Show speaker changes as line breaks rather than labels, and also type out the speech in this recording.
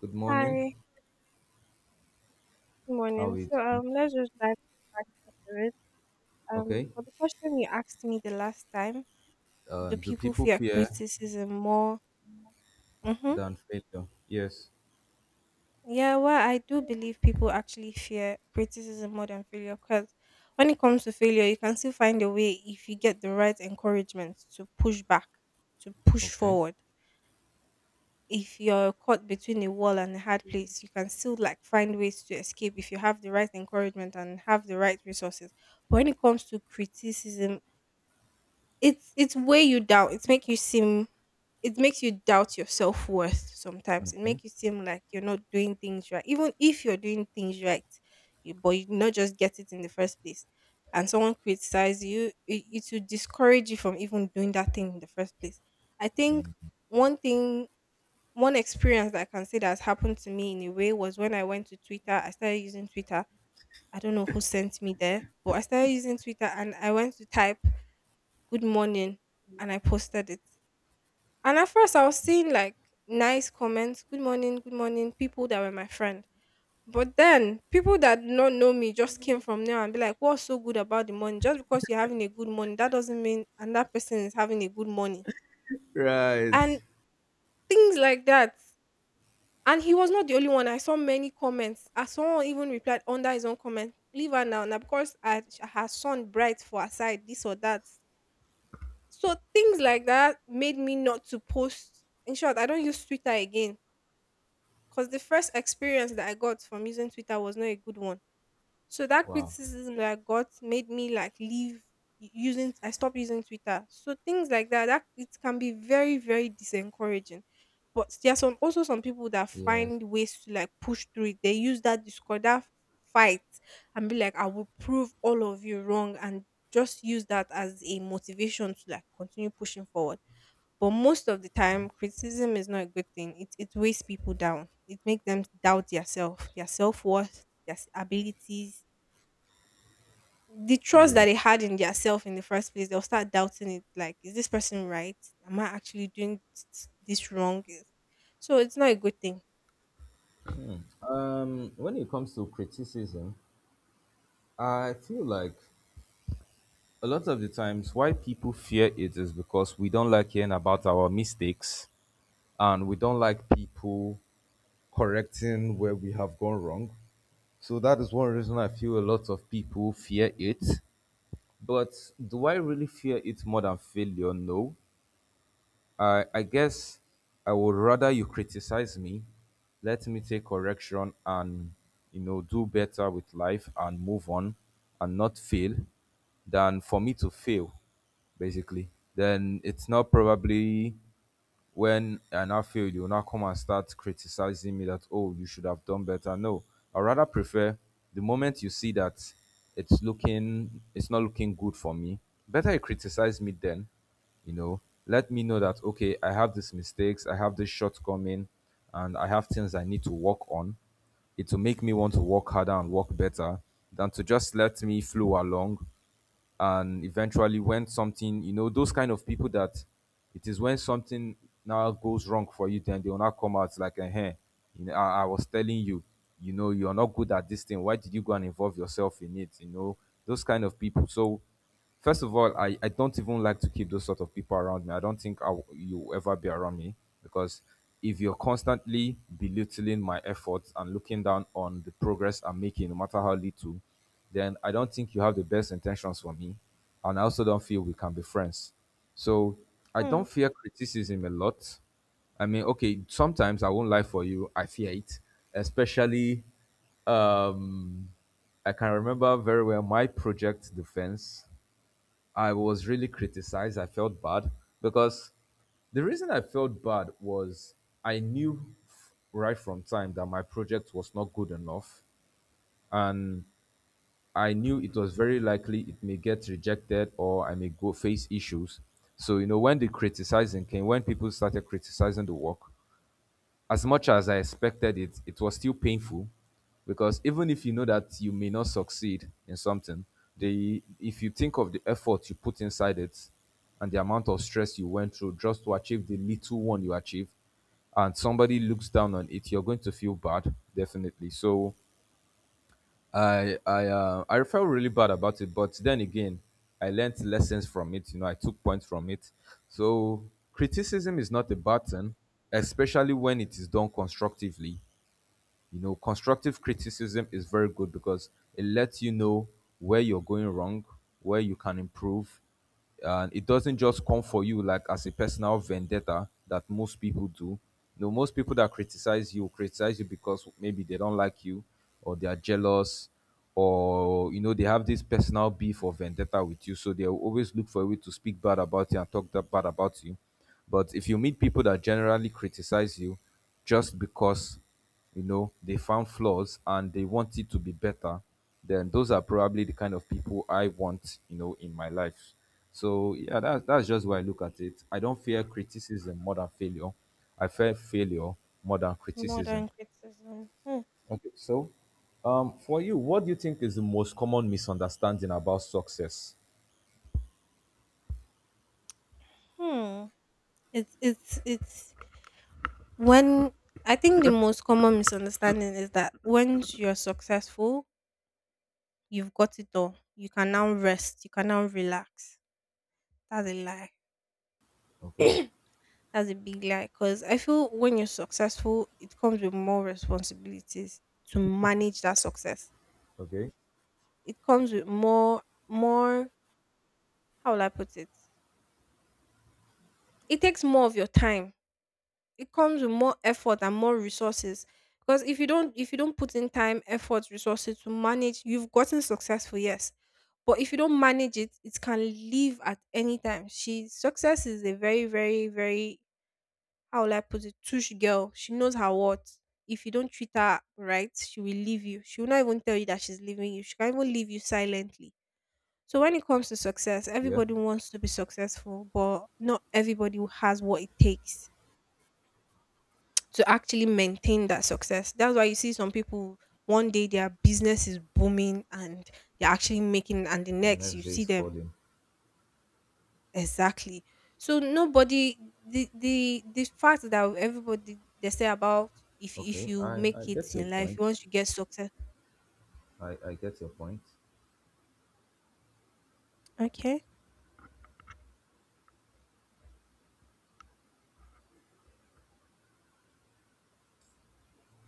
Good morning.
Hi, good
How
morning.
are you
So
doing?
um, let's just dive back into it. Um,
Okay.
for the question you asked me the last time, do
Do
people
people
fear
fear
criticism more? Mm-hmm.
than failure? Yes.
Yeah, well, I do believe people actually fear criticism more than failure because when it comes to failure, you can still find a way if you get the right encouragement to push back, to push
Okay.
forward. If you're caught between a wall and a hard place, you can still like find ways to escape if you have the right encouragement and have the right resources. But when it comes to criticism, it's weigh you down. It makes you doubt your self worth sometimes. It
Okay.
makes you seem like you're not doing things right. Even if you're doing things right, you but you not just get it in the first place. And someone criticize you, it will discourage you from even doing that thing in the first place. I think one thing one experience that I can say that has happened to me in a way was when I went to Twitter. I started using Twitter. I don't know who sent me there, but I started using Twitter and I went to type good morning and I posted it. And at first I was seeing like nice comments, good morning, people that were my friend. But then people that do not know me just came from there and be like, What's so good about the morning? Just because you're having a good morning, that doesn't mean and that person is having a good morning.
Right.
And things like that. And he was not the only one. I saw many comments. I saw even replied under his own comment, leave her now. Now because her son bright for her side, this or that. So things like that made me not to post. In short, I don't use Twitter again. Because the first experience that I got from using Twitter was not a good one. So that
Wow.
criticism that I got made me like leave u- using I stopped using Twitter. So things like that, that it can be very, very disencouraging. But there are some also some people that
Yes.
find ways to like push through it. They use that discord, that fight and be like, I will prove all of you wrong and just use that as a motivation to like continue pushing forward. But most of the
Okay.
time, criticism is not a good thing. It weighs people down. It makes them doubt their self worth, abilities, the trust
Yeah.
that they had in theirself in the first place, they'll start doubting it. Like, is this person right? Am I actually doing this wrong? So it's not a good thing.
When it comes to criticism, I feel like a lot of the times why people fear it is because we don't like hearing about our mistakes, and we don't like people correcting where we have gone wrong. So that is one reason I feel a lot of people fear it. But do I really fear it more than failure? No. I guess I would rather you criticize me, let me take correction and do better with life and move on and not fail than for me to fail, basically. Then it's not probably when I now failed, you will now come and start criticizing me that, oh, you should have done better. No, I rather prefer the moment you see that it's not looking good for me, better you criticize me then, let me know that, okay, I have these mistakes, I have this shortcoming, and I have things I need to work on. It will make me want to work harder and work better than to just let me flow along, and eventually when something, those kind of people that it is when something now goes wrong for you, then they will not come out like I was telling you, you know you're not good at this thing, why did you go and involve yourself in it, those kind of people. So first of all, I don't even like to keep those sort of people around me. I don't think you'll ever be around me, because if you're constantly belittling my efforts and looking down on the progress I'm making, no matter how little, then I don't think you have the best intentions for me. And I also don't feel we can be friends. So I
Hmm.
don't fear criticism a lot. I mean, okay, sometimes I won't lie for you, I fear it, especially um, I can remember very well my project defense. I was really criticized. I felt bad because the reason I felt bad was I knew right from time that my project was not good enough, and I knew it was very likely it may get rejected or I may go face issues. So you know when the criticizing came, when people started criticizing the work, as much as I expected it, it was still painful because even if you know that you may not succeed in something, the if you think of the effort you put inside it and the amount of stress you went through just to achieve the little one you achieved, and somebody looks down on it, you're going to feel bad, definitely. So I felt really bad about it, but then again, I learned lessons from it. I took points from it. So criticism is not a bad thing, especially when it is done constructively. Constructive criticism is very good because it lets you know where you're going wrong, where you can improve, and it doesn't just come for you like as a personal vendetta that most people do. Most people that criticize you because maybe they don't like you, or they are jealous, or they have this personal beef or vendetta with you, so they will always look for a way to speak bad about you and talk that bad about you. But if you meet people that generally criticize you just because, they found flaws and they want it to be better, then those are probably the kind of people I want, in my life. So yeah, that's just why I look at it. I don't fear criticism more than failure. I fear failure more than criticism.
Modern criticism. Hmm.
Okay, so for you, what do you think is the most common misunderstanding about success?
hmm. It's when I think the most common misunderstanding is that once you're successful, you've got it all. You can now rest. You can now relax. That's a lie.
Okay.
That's a big lie because I feel when you're successful, it comes with more responsibilities to manage that success.
Okay.
It comes with more, how will I put it? It takes more of your time. It comes with more effort and more resources. Because if you don't put in time, effort, resources to manage, you've gotten successful, yes. But if you don't manage it, it can leave at any time. She success is a very, very, very how will I put it? Tush girl. She knows her worth. If you don't treat her right, she will leave you. She will not even tell you that she's leaving you. She can even leave you silently. So when it comes to success,
Yeah,
everybody wants to be successful, but not everybody has what it takes to actually maintain that success. That's why you see some people one day their business is booming and they're actually making and the
the
next
next
you
day
see
is
them.
falling.
Exactly. So nobody, the fact that everybody they say about, if
Okay,
you
i
make
i
it
get your
in life,
point.
once you get success.
I get your point.
Okay.